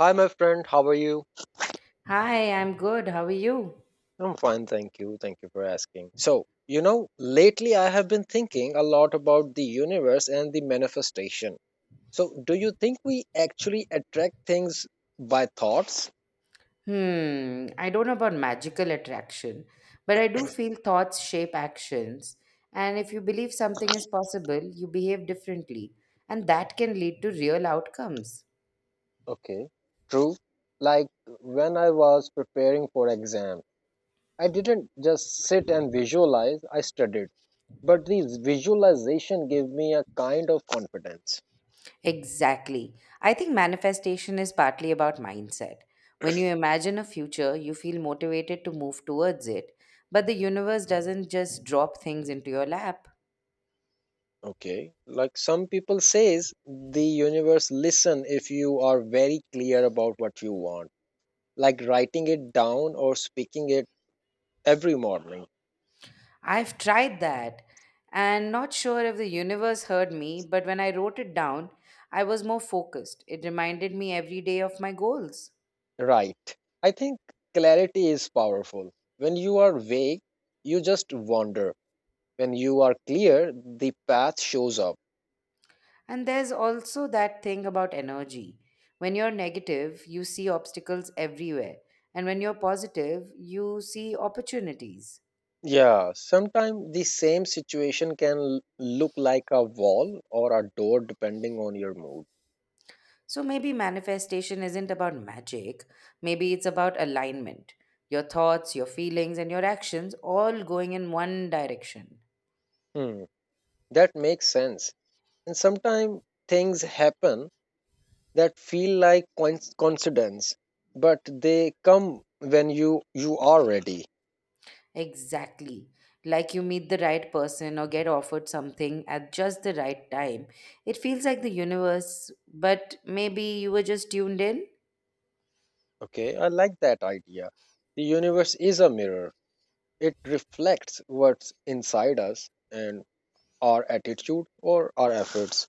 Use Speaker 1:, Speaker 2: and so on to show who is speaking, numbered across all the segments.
Speaker 1: Hi, my friend. How are you?
Speaker 2: Hi, I'm good. How are you?
Speaker 1: I'm fine, thank you. Thank you for asking. Lately I have been thinking a lot about the universe and the manifestation. So, do you think we actually attract things by thoughts?
Speaker 2: I don't know about magical attraction, but I do feel thoughts shape actions. And if you believe something is possible, you behave differently. And that can lead to real outcomes.
Speaker 1: Okay, true. Like when I was preparing for exam, I didn't just sit and visualize, I studied. But the visualization gave me a kind of confidence.
Speaker 2: Exactly. I think manifestation is partly about mindset. When you imagine a future, you feel motivated to move towards it. But the universe doesn't just drop things into your lap.
Speaker 1: Okay. Like some people says the universe listen if you are very clear about what you want, like writing it down or speaking it every morning.
Speaker 2: I've tried that, and not sure if the universe heard me, but when I wrote it down, I was more focused. It reminded me every day of my goals.
Speaker 1: Right. I think clarity is powerful. When you are vague, you just wander. When you are clear, the path shows up.
Speaker 2: And there's also that thing about energy. When you're negative, you see obstacles everywhere, and when you're positive, you see opportunities.
Speaker 1: Yeah, sometimes the same situation can look like a wall or a door depending on your mood.
Speaker 2: So maybe manifestation isn't about magic, maybe it's about alignment. Your thoughts, your feelings, and your actions all going in one direction.
Speaker 1: Hmm. That makes sense. And sometimes things happen that feel like coincidence, but they come when you are ready.
Speaker 2: Exactly. Like you meet the right person or get offered something at just the right time. It feels like the universe, but maybe you were just tuned in.
Speaker 1: Okay, I like that idea. The universe is a mirror. It reflects what's inside us and our attitude or our efforts.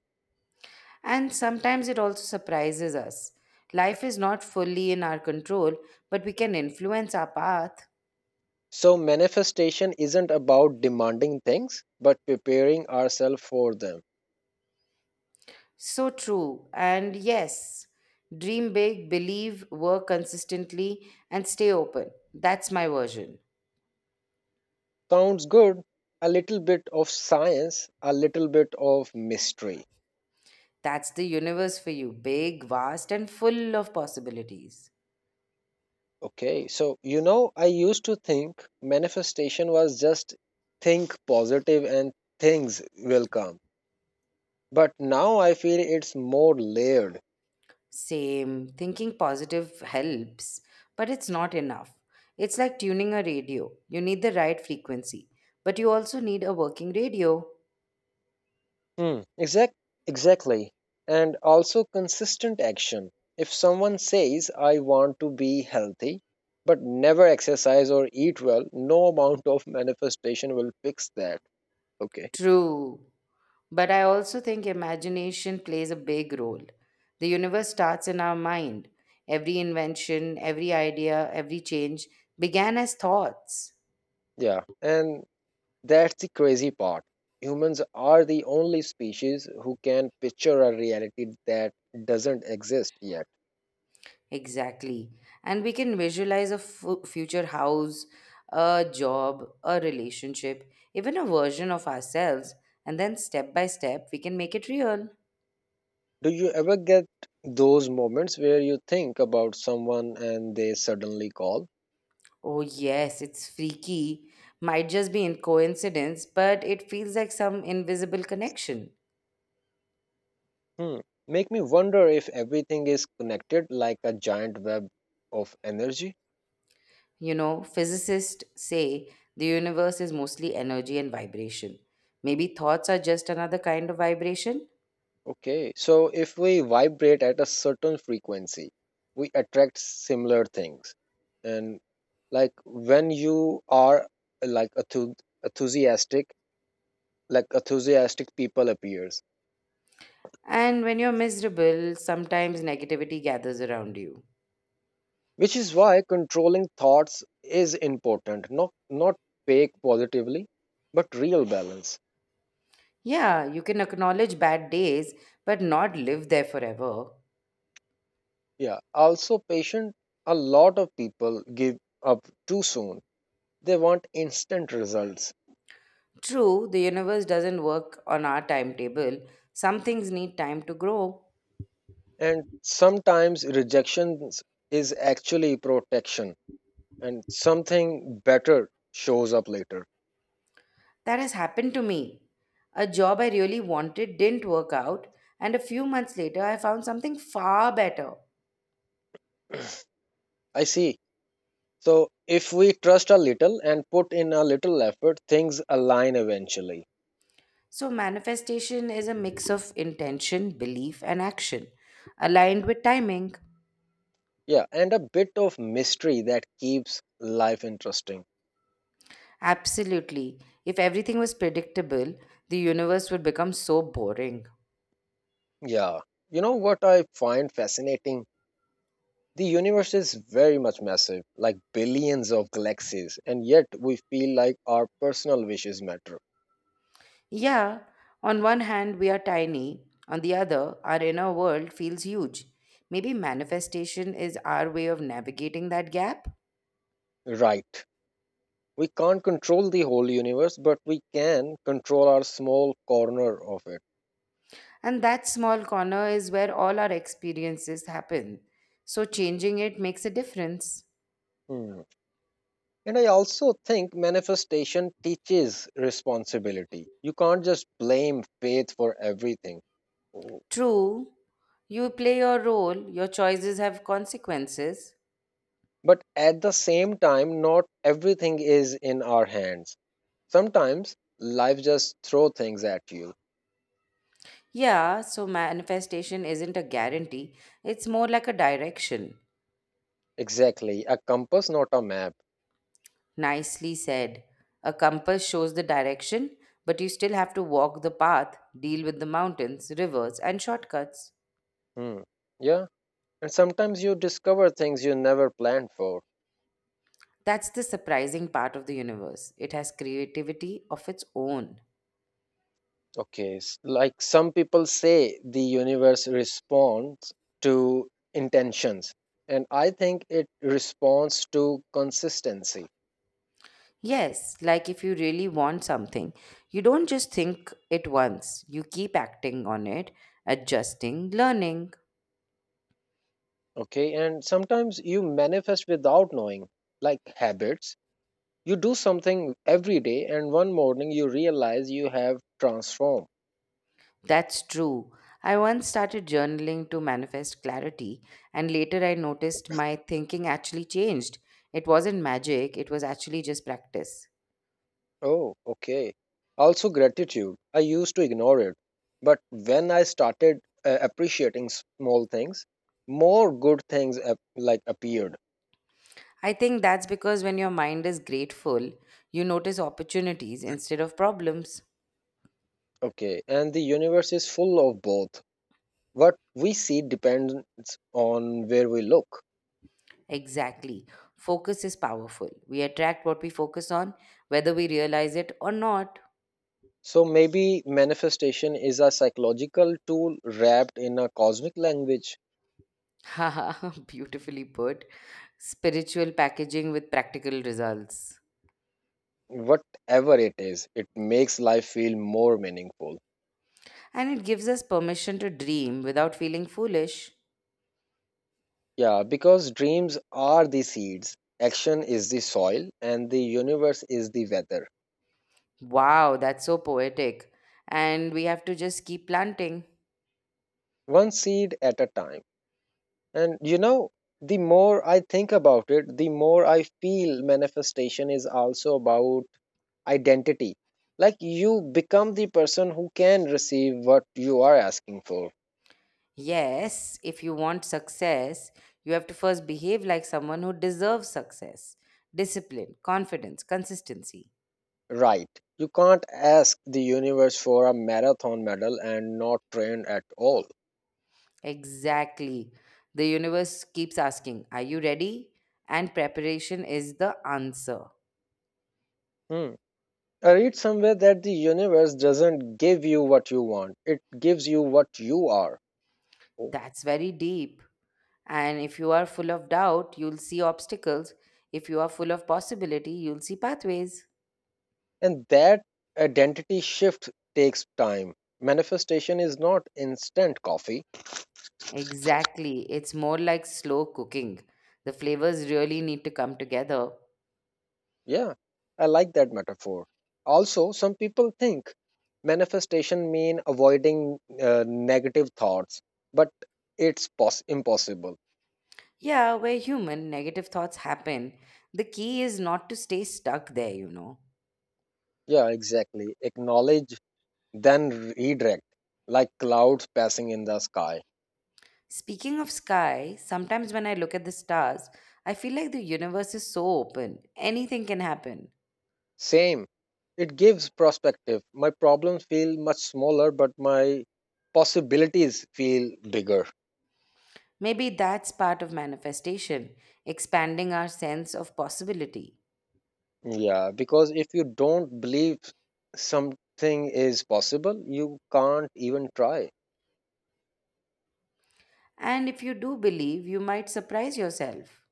Speaker 2: And sometimes it also surprises us. Life is not fully in our control, but we can influence our path.
Speaker 1: So manifestation isn't about demanding things, but preparing ourselves for them.
Speaker 2: So true. And yes, dream big, believe, work consistently, and stay open. That's my version.
Speaker 1: Sounds good. A little bit of science, a little bit of mystery.
Speaker 2: That's the universe for you big, vast, and full of possibilities.
Speaker 1: I used to think manifestation was just think positive and things will come. But now I feel it's more layered.
Speaker 2: Same. Thinking positive helps, but it's not enough. It's like tuning a radio. You need the right frequency, but you also need a working radio.
Speaker 1: Hmm, exact, exactly. And also consistent action. If someone says, I want to be healthy, but never exercise or eat well, no amount of manifestation will fix that. Okay.
Speaker 2: True. But I also think imagination plays a big role. The universe starts in our mind. Every invention, every idea, every change began as thoughts.
Speaker 1: Yeah. And That's the crazy part. Humans are the only species who can picture a reality that doesn't exist yet.
Speaker 2: Exactly. And we can visualize a future house, a job, a relationship, even a version of ourselves. And then step by step, we can make it real.
Speaker 1: Do you ever get those moments where you think about someone and they suddenly call?
Speaker 2: Oh, yes, it's freaky. Might just be in coincidence, but it feels like some invisible connection.
Speaker 1: Hmm. Make me wonder if everything is connected like a giant web of energy.
Speaker 2: Physicists say the universe is mostly energy and vibration. Maybe thoughts are just another kind of vibration.
Speaker 1: Okay, so if we vibrate at a certain frequency, we attract similar things. And like when you are enthusiastic, like enthusiastic people appears,
Speaker 2: And when you're miserable, sometimes negativity gathers around you.
Speaker 1: which is why controlling thoughts is important. Not fake positively, but real balance.
Speaker 2: Yeah, you can acknowledge bad days, but not live there forever.
Speaker 1: Yeah. Also, patient. A lot of people give up too soon. They want instant results.
Speaker 2: True, the universe doesn't work on our timetable. Some things need time to grow.
Speaker 1: And sometimes rejection is actually protection and something better shows up later.
Speaker 2: That has happened to me. A job I really wanted didn't work out, and a few months later, I found something far better.
Speaker 1: I see. So if we trust a little and put in a little effort, things align eventually.
Speaker 2: So, manifestation is a mix of intention, belief, and action, aligned with timing.
Speaker 1: Yeah, and a bit of mystery that keeps life interesting.
Speaker 2: Absolutely. If everything was predictable, the universe would become so boring.
Speaker 1: Yeah. You know what I find fascinating? The universe is very much massive, like billions of galaxies, and yet we feel like our personal wishes matter.
Speaker 2: Yeah, on one hand, we are tiny, on the other, our inner world feels huge. Maybe manifestation is our way of navigating that gap.
Speaker 1: Right. We can't control the whole universe, but we can control our small corner of it.
Speaker 2: And that small corner is where all our experiences happen. So changing it makes a difference.
Speaker 1: Hmm. And I also think manifestation teaches responsibility. You can't just blame faith for everything.
Speaker 2: True, you play your role, your choices have consequences.
Speaker 1: But at the same time, not everything is in our hands. Sometimes life just throw things at you.
Speaker 2: Yeah, so manifestation isn't a guarantee, it's more like a direction.
Speaker 1: Exactly, a compass, not a map.
Speaker 2: Nicely said. A compass shows the direction, but you still have to walk the path, deal with the mountains, rivers, and shortcuts.
Speaker 1: Hmm. Yeah. And sometimes you discover things you never planned for.
Speaker 2: That's the surprising part of the universe. It has creativity of its own.
Speaker 1: Okay, like some people say the universe responds to intentions, and I think it responds to consistency.
Speaker 2: Yes, like if you really want something, you don't just think it once, you keep acting on it, adjusting, learning.
Speaker 1: Okay, and sometimes you manifest without knowing, like habits. You do something every day, and one morning you realize you have transformed.
Speaker 2: That's true. I once started journaling to manifest clarity, and later I noticed my thinking actually changed. It wasn't magic, it was actually just practice.
Speaker 1: Oh, okay. Also, gratitude. I used to ignore it, but when I started appreciating small things, more good things like appeared.
Speaker 2: I think that's because when your mind is grateful, you notice opportunities instead of problems.
Speaker 1: Okay, and the universe is full of both. What we see depends on where we look.
Speaker 2: Exactly. Focus is powerful. We attract what we focus on, whether we realize it or not.
Speaker 1: So maybe manifestation is a psychological tool wrapped in a cosmic language.
Speaker 2: Haha, beautifully put. Spiritual packaging with practical results.
Speaker 1: Whatever it is, it makes life feel more meaningful.
Speaker 2: And it gives us permission to dream without feeling foolish.
Speaker 1: Yeah, because dreams are the seeds, action is the soil, and the universe is the weather.
Speaker 2: Wow, that's so poetic. And we have to just keep planting.
Speaker 1: One seed at a time. And you know, the more I think about it, the more I feel manifestation is also about identity. Like you become the person who can receive what you are asking for,
Speaker 2: Yes, if you want success, you have to first behave like someone who deserves success. Discipline, confidence, consistency.
Speaker 1: right? You can't ask the universe for a marathon medal and not train at all.
Speaker 2: Exactly. The universe keeps asking, "Are you ready?" And preparation is the answer.
Speaker 1: Hmm. I read somewhere that the universe doesn't give you what you want, it gives you what you are. Oh.
Speaker 2: That's very deep. And if you are full of doubt, you'll see obstacles. If you are full of possibility, you'll see pathways.
Speaker 1: And that identity shift takes time. Manifestation is not instant coffee.
Speaker 2: Exactly. It's more like slow cooking. The flavors really need to come together.
Speaker 1: Yeah, I like that metaphor. Also, some people think manifestation mean avoiding negative thoughts, but it's impossible.
Speaker 2: Yeah, we're human, negative thoughts happen. The key is not to stay stuck there.
Speaker 1: Yeah, exactly. Acknowledge, then redirect, like clouds passing in the sky.
Speaker 2: Speaking of sky, sometimes when I look at the stars, I feel like the universe is so open. Anything can happen.
Speaker 1: Same. It gives perspective. My problems feel much smaller, but my possibilities feel bigger.
Speaker 2: Maybe that's part of manifestation, expanding our sense of possibility.
Speaker 1: Yeah, because if you don't believe something is possible, you can't even try.
Speaker 2: And if you do believe, you might surprise yourself.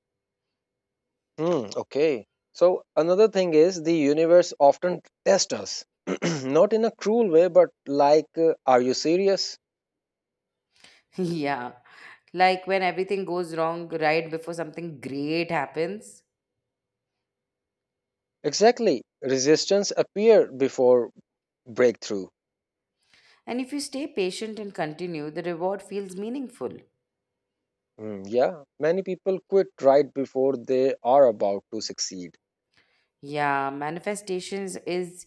Speaker 1: Hmm, okay. So another thing is the universe often tests us, not in a cruel way, but like, are you serious?
Speaker 2: Yeah, like when everything goes wrong right before something great happens.
Speaker 1: Exactly. Resistance appear before breakthrough.
Speaker 2: And if you stay patient and continue, the reward feels meaningful.
Speaker 1: Hmm, yeah, many people quit right before they are about to succeed.
Speaker 2: Yeah, manifestations is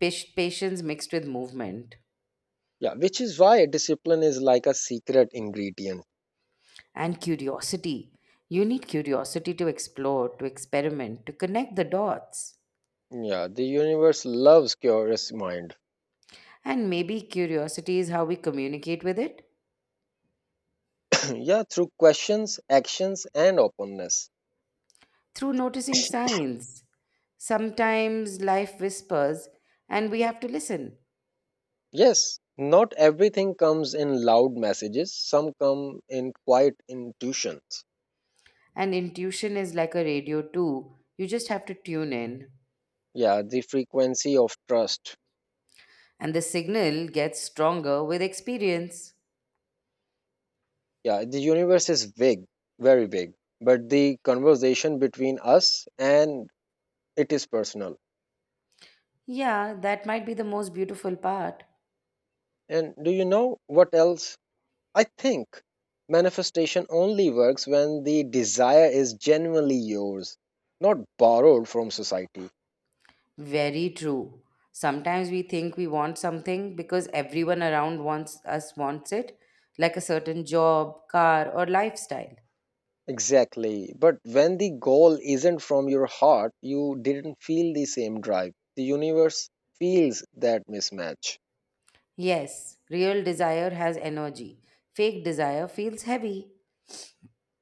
Speaker 2: patience mixed with movement
Speaker 1: Yeah, which is why discipline is like a secret ingredient.
Speaker 2: and curiosity. You need curiosity to explore, to experiment, to connect the dots.
Speaker 1: Yeah, the universe loves curious mind.
Speaker 2: And maybe curiosity is how we communicate with it
Speaker 1: Yeah, through questions, actions, and openness.
Speaker 2: through noticing signs. Sometimes life whispers and we have to listen.
Speaker 1: Yes, not everything comes in loud messages, some come in quiet intuitions.
Speaker 2: And intuition is like a radio, too. You just have to tune in.
Speaker 1: Yeah, the frequency of trust.
Speaker 2: And the signal gets stronger with experience.
Speaker 1: Yeah, the universe is big, very big, but the conversation between us and it is personal.
Speaker 2: Yeah, that might be the most beautiful part.
Speaker 1: And do you know what else? I think manifestation only works when the desire is genuinely yours, not borrowed from society.
Speaker 2: Very true. Sometimes we think we want something because everyone around wants it, like a certain job, car, or lifestyle.
Speaker 1: Exactly. But when the goal isn't from your heart, you didn't feel the same drive. The universe feels that mismatch.
Speaker 2: Yes, real desire has energy. Fake desire feels heavy.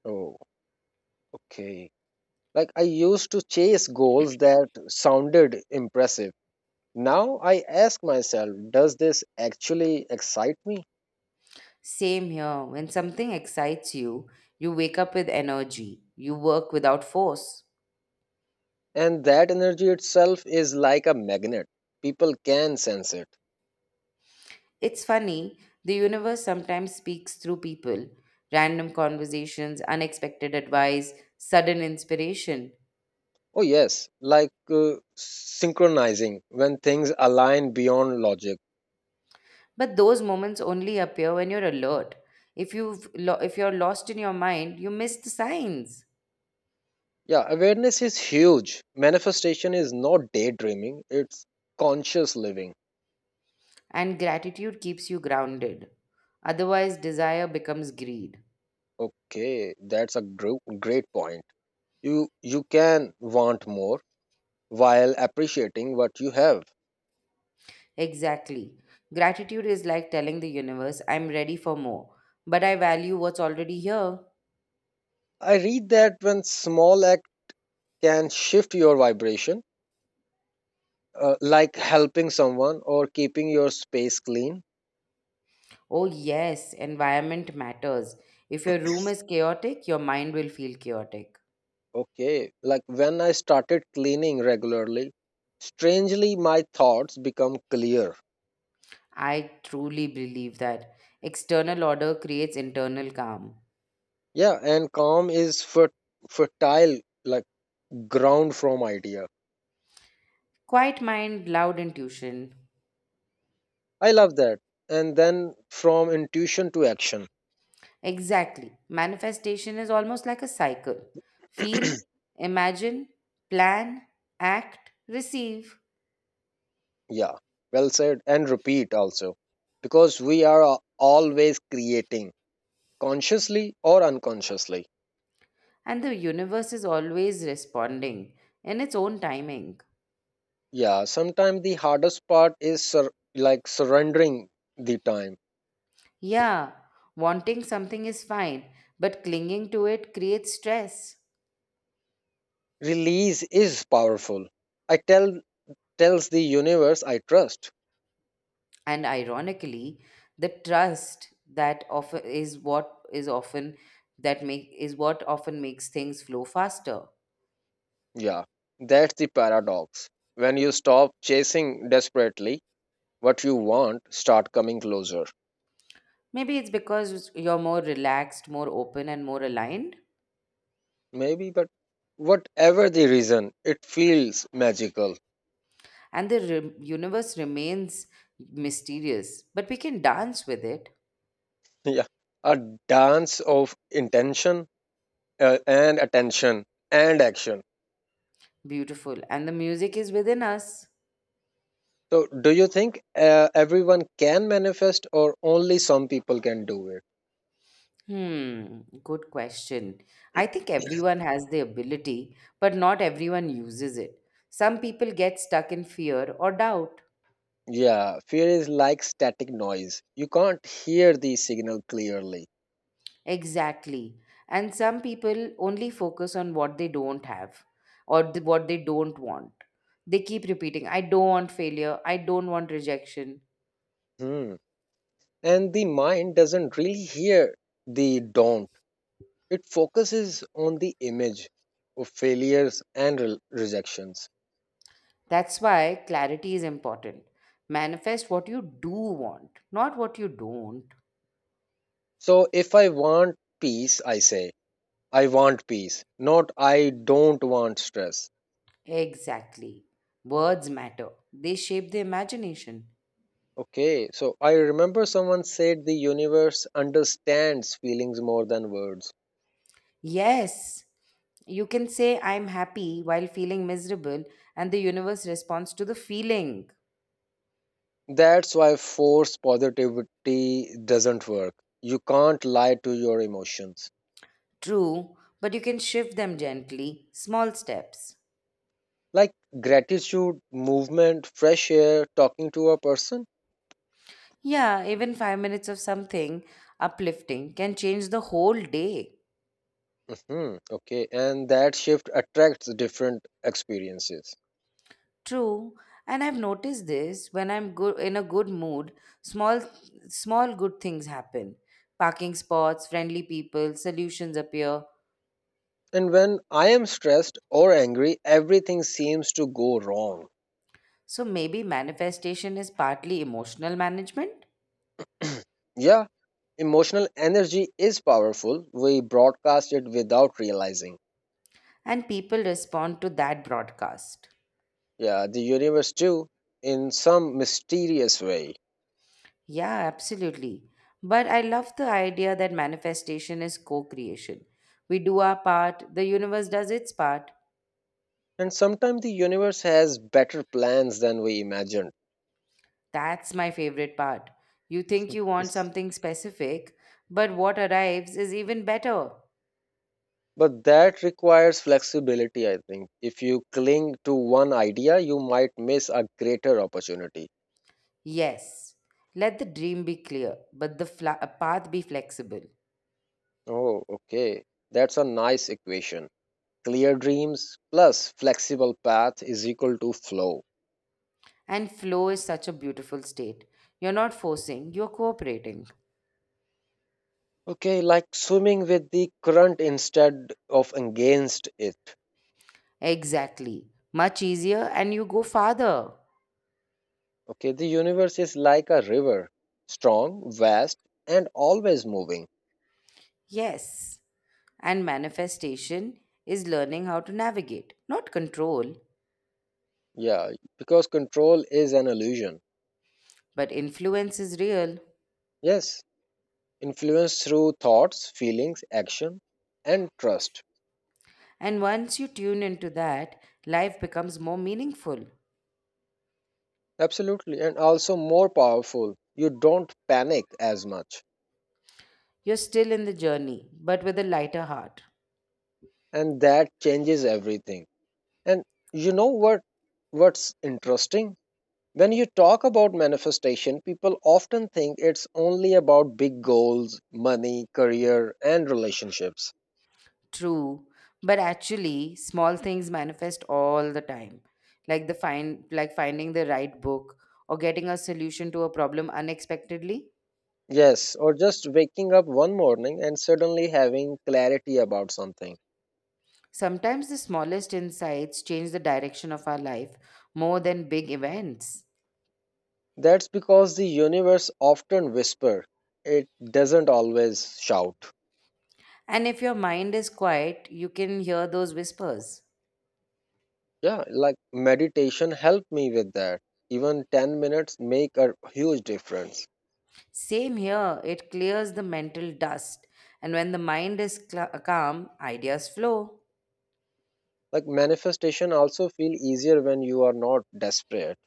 Speaker 1: Oh, okay. Like I used to chase goals that sounded impressive. Now I ask myself, does this actually excite me?
Speaker 2: Same here. When something excites you, you wake up with energy. You work without force.
Speaker 1: And that energy itself is like a magnet. People can sense it.
Speaker 2: It's funny, the universe sometimes speaks through people. Random conversations, unexpected advice, sudden inspiration.
Speaker 1: Oh, yes, like synchronizing when things align beyond logic.
Speaker 2: But those moments only appear when you're alert. If you're lost in your mind, you miss the signs.
Speaker 1: Yeah, awareness is huge. Manifestation is not daydreaming, it's conscious living.
Speaker 2: And gratitude keeps you grounded. Otherwise, desire becomes greed.
Speaker 1: Okay, that's a great point. You can want more while appreciating what you have.
Speaker 2: Exactly. Gratitude is like telling the universe, "I'm ready for more, but I value what's already here."
Speaker 1: I read that when small act can shift your vibration, like helping someone or keeping your space clean.
Speaker 2: Oh, yes, environment matters. If your room is chaotic, your mind will feel chaotic.
Speaker 1: Okay, like when I started cleaning regularly, strangely my thoughts become clear.
Speaker 2: I truly believe that external order creates internal calm.
Speaker 1: Yeah, and calm is fertile like ground from idea.
Speaker 2: Quiet mind, loud intuition.
Speaker 1: I love that. And then from intuition to action.
Speaker 2: Exactly. Manifestation is almost like a cycle feel, imagine, plan, act, receive.
Speaker 1: Yeah, well said. And repeat also. Because we are always creating, consciously or unconsciously.
Speaker 2: And the universe is always responding in its own timing.
Speaker 1: Yeah, sometimes the hardest part is like surrendering the time.
Speaker 2: Yeah, wanting something is fine, but clinging to it creates stress.
Speaker 1: Release is powerful. I tell Tells the universe I trust.
Speaker 2: And ironically, the trust that often is what is often that make is what often makes things flow faster.
Speaker 1: Yeah, that's the paradox. When you stop chasing desperately, what you want start coming closer.
Speaker 2: Maybe it's because you're more relaxed, more open, and more aligned.
Speaker 1: Maybe, but whatever the reason, it feels magical.
Speaker 2: And the universe remains mysterious, but we can dance with it.
Speaker 1: Yeah, a dance of intention and attention and action.
Speaker 2: Beautiful. And the music is within us.
Speaker 1: So, do you think everyone can manifest, or only some people can do it?
Speaker 2: Good question. I think everyone has the ability, but not everyone uses it. Some people get stuck in fear or doubt.
Speaker 1: Yeah, fear is like static noise. You can't hear the signal clearly.
Speaker 2: Exactly. And some people only focus on what they don't have or what they don't want. They keep repeating, "I don't want failure. I don't want rejection."
Speaker 1: Hmm. And the mind doesn't really hear the don't, it focuses on the image of failures and rejections.
Speaker 2: That's why clarity is important. Manifest what you do want, not what you don't.
Speaker 1: So if I want peace, I say I want peace, not I don't want stress.
Speaker 2: Exactly. Words matter, they shape the imagination.
Speaker 1: Okay, so I remember someone said the universe understands feelings more than words.
Speaker 2: Yes, you can say, "I'm happy" while feeling miserable, and the universe responds to the feeling.
Speaker 1: That's why force positivity doesn't work, you can't lie to your emotions.
Speaker 2: True, but you can shift them gently, small steps.
Speaker 1: Like gratitude movement fresh air talking to a person.
Speaker 2: Yeah, even 5 minutes of something uplifting can change the whole day.
Speaker 1: Hmm, okay, and that shift attracts different experiences.
Speaker 2: True, and I've noticed this when I'm good in a good mood, small small good things happen. Parking spots, friendly people, solutions appear.
Speaker 1: And when I am stressed or angry everything seems to go wrong.
Speaker 2: So maybe manifestation is partly emotional management
Speaker 1: Yeah, emotional energy is powerful, we broadcast it without realizing.
Speaker 2: and people respond to that broadcast.
Speaker 1: Yeah, the universe too, in some mysterious way.
Speaker 2: Yeah, absolutely. But I love the idea that manifestation is co-creation. We do our part, the universe does its part.
Speaker 1: And sometimes the universe has better plans than we imagined.
Speaker 2: That's my favorite part. You think you want something specific, but what arrives is even better.
Speaker 1: But that requires flexibility, I think. If you cling to one idea, you might miss a greater opportunity.
Speaker 2: Yes, let the dream be clear, but the path be flexible.
Speaker 1: Oh, okay. That's a nice equation. Clear dreams plus flexible path is equal to flow.
Speaker 2: And flow is such a beautiful state. You're not forcing, you're cooperating.
Speaker 1: Okay, like swimming with the current instead of against it.
Speaker 2: Exactly. Much easier, and you go farther.
Speaker 1: Okay, the universe is like a river, strong, vast, and always moving.
Speaker 2: Yes. And manifestation is learning how to navigate. Not control,
Speaker 1: Yeah, because control is an illusion.
Speaker 2: but influence is real.
Speaker 1: Yes, influence through thoughts, feelings, action, and trust.
Speaker 2: And once you tune into that, life becomes more meaningful.
Speaker 1: Absolutely. And also more powerful. You don't panic as much.
Speaker 2: You're still in the journey, but with a lighter heart.
Speaker 1: And that changes everything. And You know what what's interesting? When you talk about manifestation, people often think it's only about big goals, money, career, and relationships.
Speaker 2: True, but actually, small things manifest all the time, like the find like finding the right book or getting a solution to a problem unexpectedly.
Speaker 1: Yes, or just waking up one morning and suddenly having clarity about something.
Speaker 2: Sometimes the smallest insights change the direction of our life more than big events.
Speaker 1: That's because the universe often whisper. It doesn't always shout.
Speaker 2: And if your mind is quiet, you can hear those whispers.
Speaker 1: Yeah, like meditation helped me with that. Even 10 minutes make a huge difference.
Speaker 2: Same here, it clears the mental dust. And when the mind is cla calm, ideas flow.
Speaker 1: Like manifestation also feel easier when you are not desperate.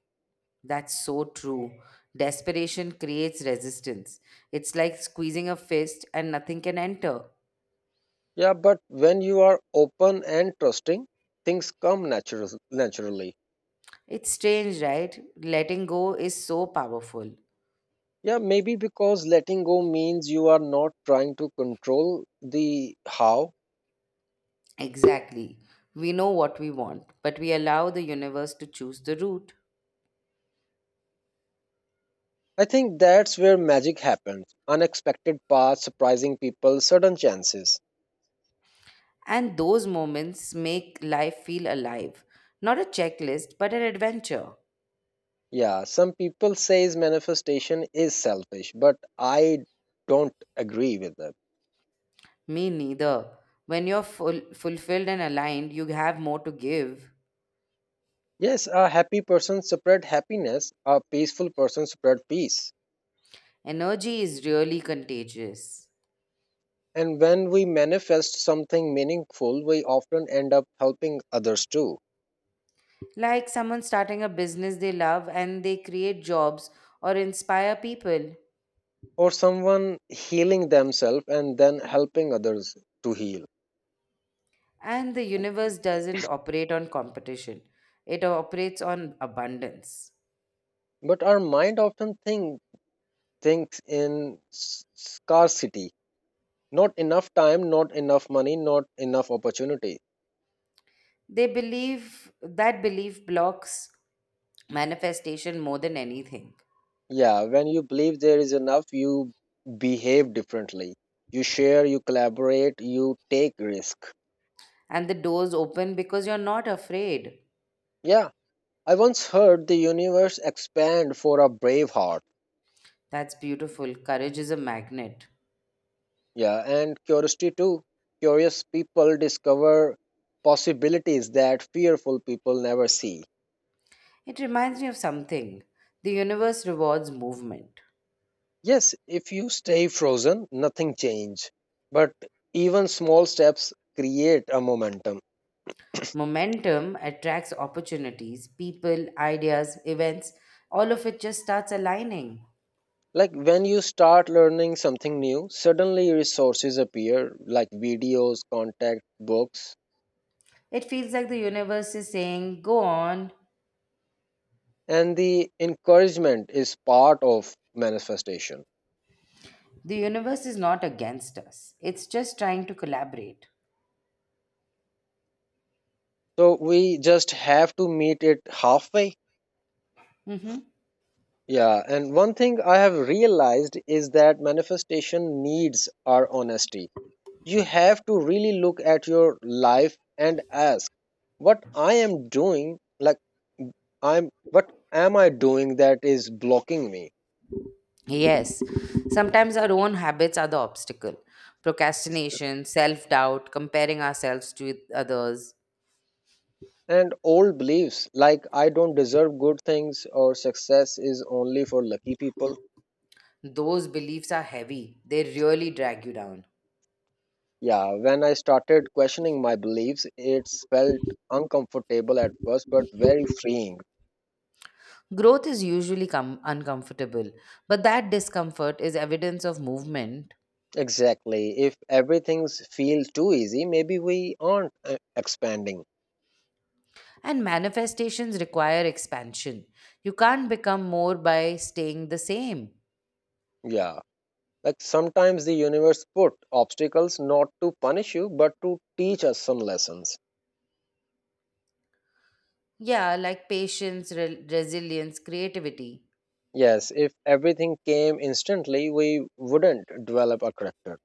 Speaker 2: That's so true. Desperation creates resistance. It's like squeezing a fist and nothing can enter.
Speaker 1: Yeah, but when you are open and trusting, things come naturally.
Speaker 2: It's strange, right? Letting go is so powerful.
Speaker 1: Yeah, maybe because letting go means you are not trying to control the how.
Speaker 2: Exactly. We know what we want, but we allow the universe to choose the route.
Speaker 1: I think that's where magic happens. Unexpected paths, surprising people, sudden chances.
Speaker 2: And those moments make life feel alive. Not a checklist, but an adventure.
Speaker 1: Yeah, some people says manifestation is selfish, but I don't agree with them.
Speaker 2: Me neither. When you're full, fulfilled and aligned, you have more to give.
Speaker 1: Yes, a happy person spread happiness, a peaceful person spread peace.
Speaker 2: Energy is really contagious.
Speaker 1: And when we manifest something meaningful, we often end up helping others too,
Speaker 2: Like someone starting a business they love and they create jobs or inspire people.
Speaker 1: or someone healing themselves and then helping others to heal.
Speaker 2: And the universe doesn't operate on competition, it operates on abundance.
Speaker 1: But our mind often thinks in scarcity, not enough time, not enough money, not enough opportunity.
Speaker 2: They believe that belief blocks manifestation more than anything.
Speaker 1: Yeah, when you believe there is enough you behave differently, you share, you collaborate, you take risk.
Speaker 2: And the doors open because you're not afraid.
Speaker 1: Yeah, I once heard the universe expand for a brave heart.
Speaker 2: That's beautiful. Courage is a magnet.
Speaker 1: Yeah, and curiosity too, curious people discover possibilities that fearful people never see.
Speaker 2: It reminds me of something. The universe rewards movement.
Speaker 1: Yes, if you stay frozen, nothing change. But even small steps create a momentum.
Speaker 2: Momentum attracts opportunities, people, ideas, events, all of it just starts aligning.
Speaker 1: Like when you start learning something new, suddenly resources appear like videos, contact books,
Speaker 2: It feels like the universe is saying, "Go on."
Speaker 1: and the encouragement is part of manifestation.
Speaker 2: The universe is not against us, it's just trying to collaborate.
Speaker 1: So we just have to meet it halfway.
Speaker 2: Hmm.
Speaker 1: Yeah, and one thing I have realized is that manifestation needs our honesty. You have to really look at your life and ask what I am doing, like I'm what am I doing that is blocking me?
Speaker 2: Yes, sometimes our own habits are the obstacle. Procrastination, self doubt, comparing ourselves to others.
Speaker 1: And old beliefs like I don't deserve good things or success is only for lucky people.
Speaker 2: Those beliefs are heavy, they really drag you down.
Speaker 1: Yeah, when I started questioning my beliefs, it felt uncomfortable at first, but very freeing.
Speaker 2: Growth is usually uncomfortable, but that discomfort is evidence of movement,
Speaker 1: Exactly. If everything feels too easy, maybe we aren't expanding.
Speaker 2: and manifestations require expansion. You can't become more by staying the same.
Speaker 1: Yeah. Like sometimes the universe put obstacles not to punish you, but to teach us some lessons.
Speaker 2: Yeah, like patience, resilience, creativity,
Speaker 1: Yes, if everything came instantly, we wouldn't develop a character.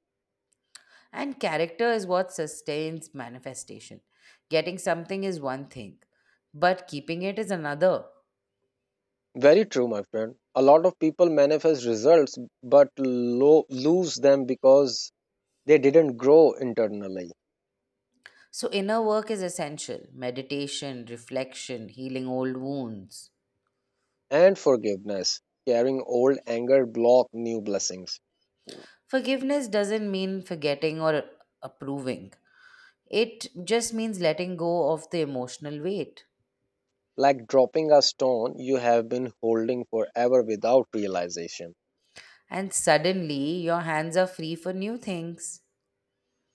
Speaker 2: and character is what sustains manifestation. Getting something is one thing, but keeping it is another.
Speaker 1: Very true, my friend. A lot of people manifest results but lose them because they didn't grow internally.
Speaker 2: So, inner work is essential meditation, reflection, healing old wounds.
Speaker 1: And forgiveness. Carrying old anger block new blessings.
Speaker 2: Forgiveness doesn't mean forgetting or approving, it just means letting go of the emotional weight.
Speaker 1: Like dropping a stone you have been holding forever without realization.
Speaker 2: And suddenly, your hands are free for new things.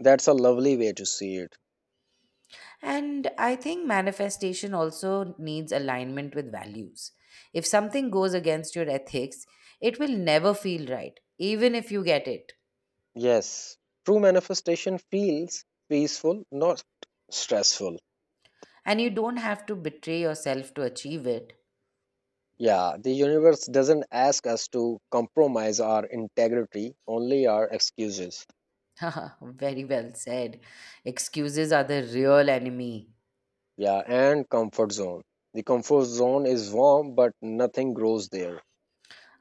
Speaker 1: That's a lovely way to see it.
Speaker 2: And I think manifestation also needs alignment with values. If something goes against your ethics, it will never feel right, even if you get it.
Speaker 1: Yes, true manifestation feels peaceful, not stressful.
Speaker 2: And you don't have to betray yourself to achieve it.
Speaker 1: Yeah, the universe doesn't ask us to compromise our integrity, only our excuses.
Speaker 2: Haha, very well said. Excuses are the real enemy.
Speaker 1: Yeah, and comfort zone. The comfort zone is warm, but nothing grows there.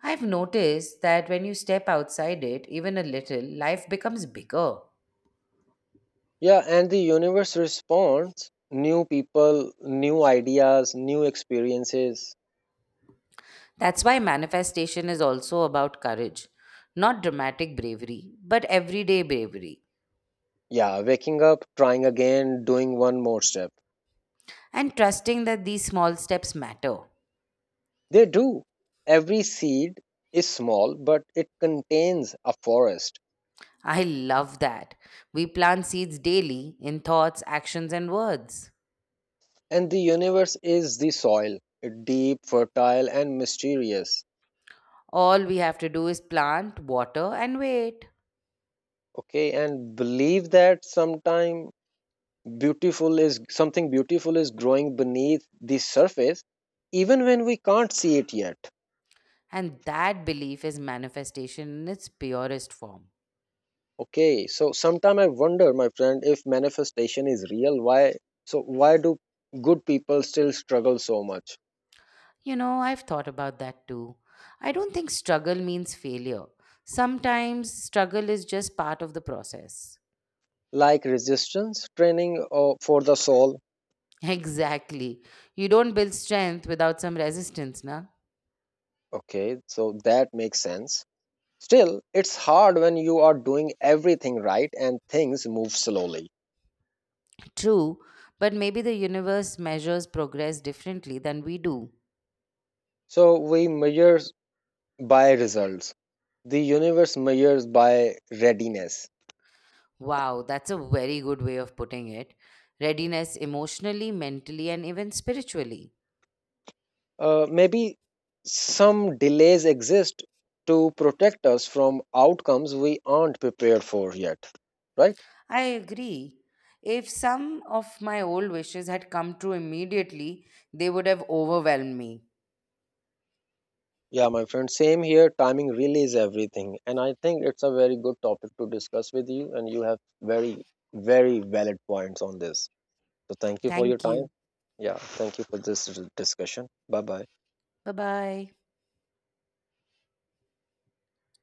Speaker 2: I've noticed that when you step outside it, even a little, life becomes bigger.
Speaker 1: Yeah, and the universe responds new people, new ideas, new experiences.
Speaker 2: That's why manifestation is also about courage, not dramatic bravery, but everyday bravery,
Speaker 1: Yeah, waking up, trying again, doing one more step.
Speaker 2: and trusting that these small steps matter.
Speaker 1: They do. Every seed is small, but it contains a forest.
Speaker 2: I love that. We plant seeds daily in thoughts, actions, and words.
Speaker 1: And the universe is the soil, deep, fertile, and mysterious.
Speaker 2: All we have to do is plant, water, and wait.
Speaker 1: Okay, and believe that sometime beautiful is something beautiful is growing beneath the surface, even when we can't see it yet.
Speaker 2: And that belief is manifestation in its purest form.
Speaker 1: Okay, so sometime I wonder, my friend, if manifestation is real, why do good people still struggle so much?
Speaker 2: You know, I've thought about that too. I don't think struggle means failure. Sometimes struggle is just part of the process.
Speaker 1: Like resistance training for the soul.
Speaker 2: Exactly. You don't build strength without some resistance, na?
Speaker 1: Okay, so that makes sense. Still, it's hard when you are doing everything right and things move slowly.
Speaker 2: True, but maybe the universe measures progress differently than we do.
Speaker 1: So we measure by results. The universe measures by readiness.
Speaker 2: Wow, that's a very good way of putting it. Readiness emotionally, mentally, and even spiritually.
Speaker 1: Maybe some delays exist to protect us from outcomes we aren't prepared for yet, right?
Speaker 2: I agree. If some of my old wishes had come true immediately, they would have overwhelmed me.
Speaker 1: Yeah, my friend, same here. Timing really is everything. And I think it's a very good topic to discuss with you, and you have very, very valid points on this. So thank you for your
Speaker 2: Thank
Speaker 1: time.
Speaker 2: you.
Speaker 1: Yeah, thank you for this discussion. Bye bye.
Speaker 2: Bye bye.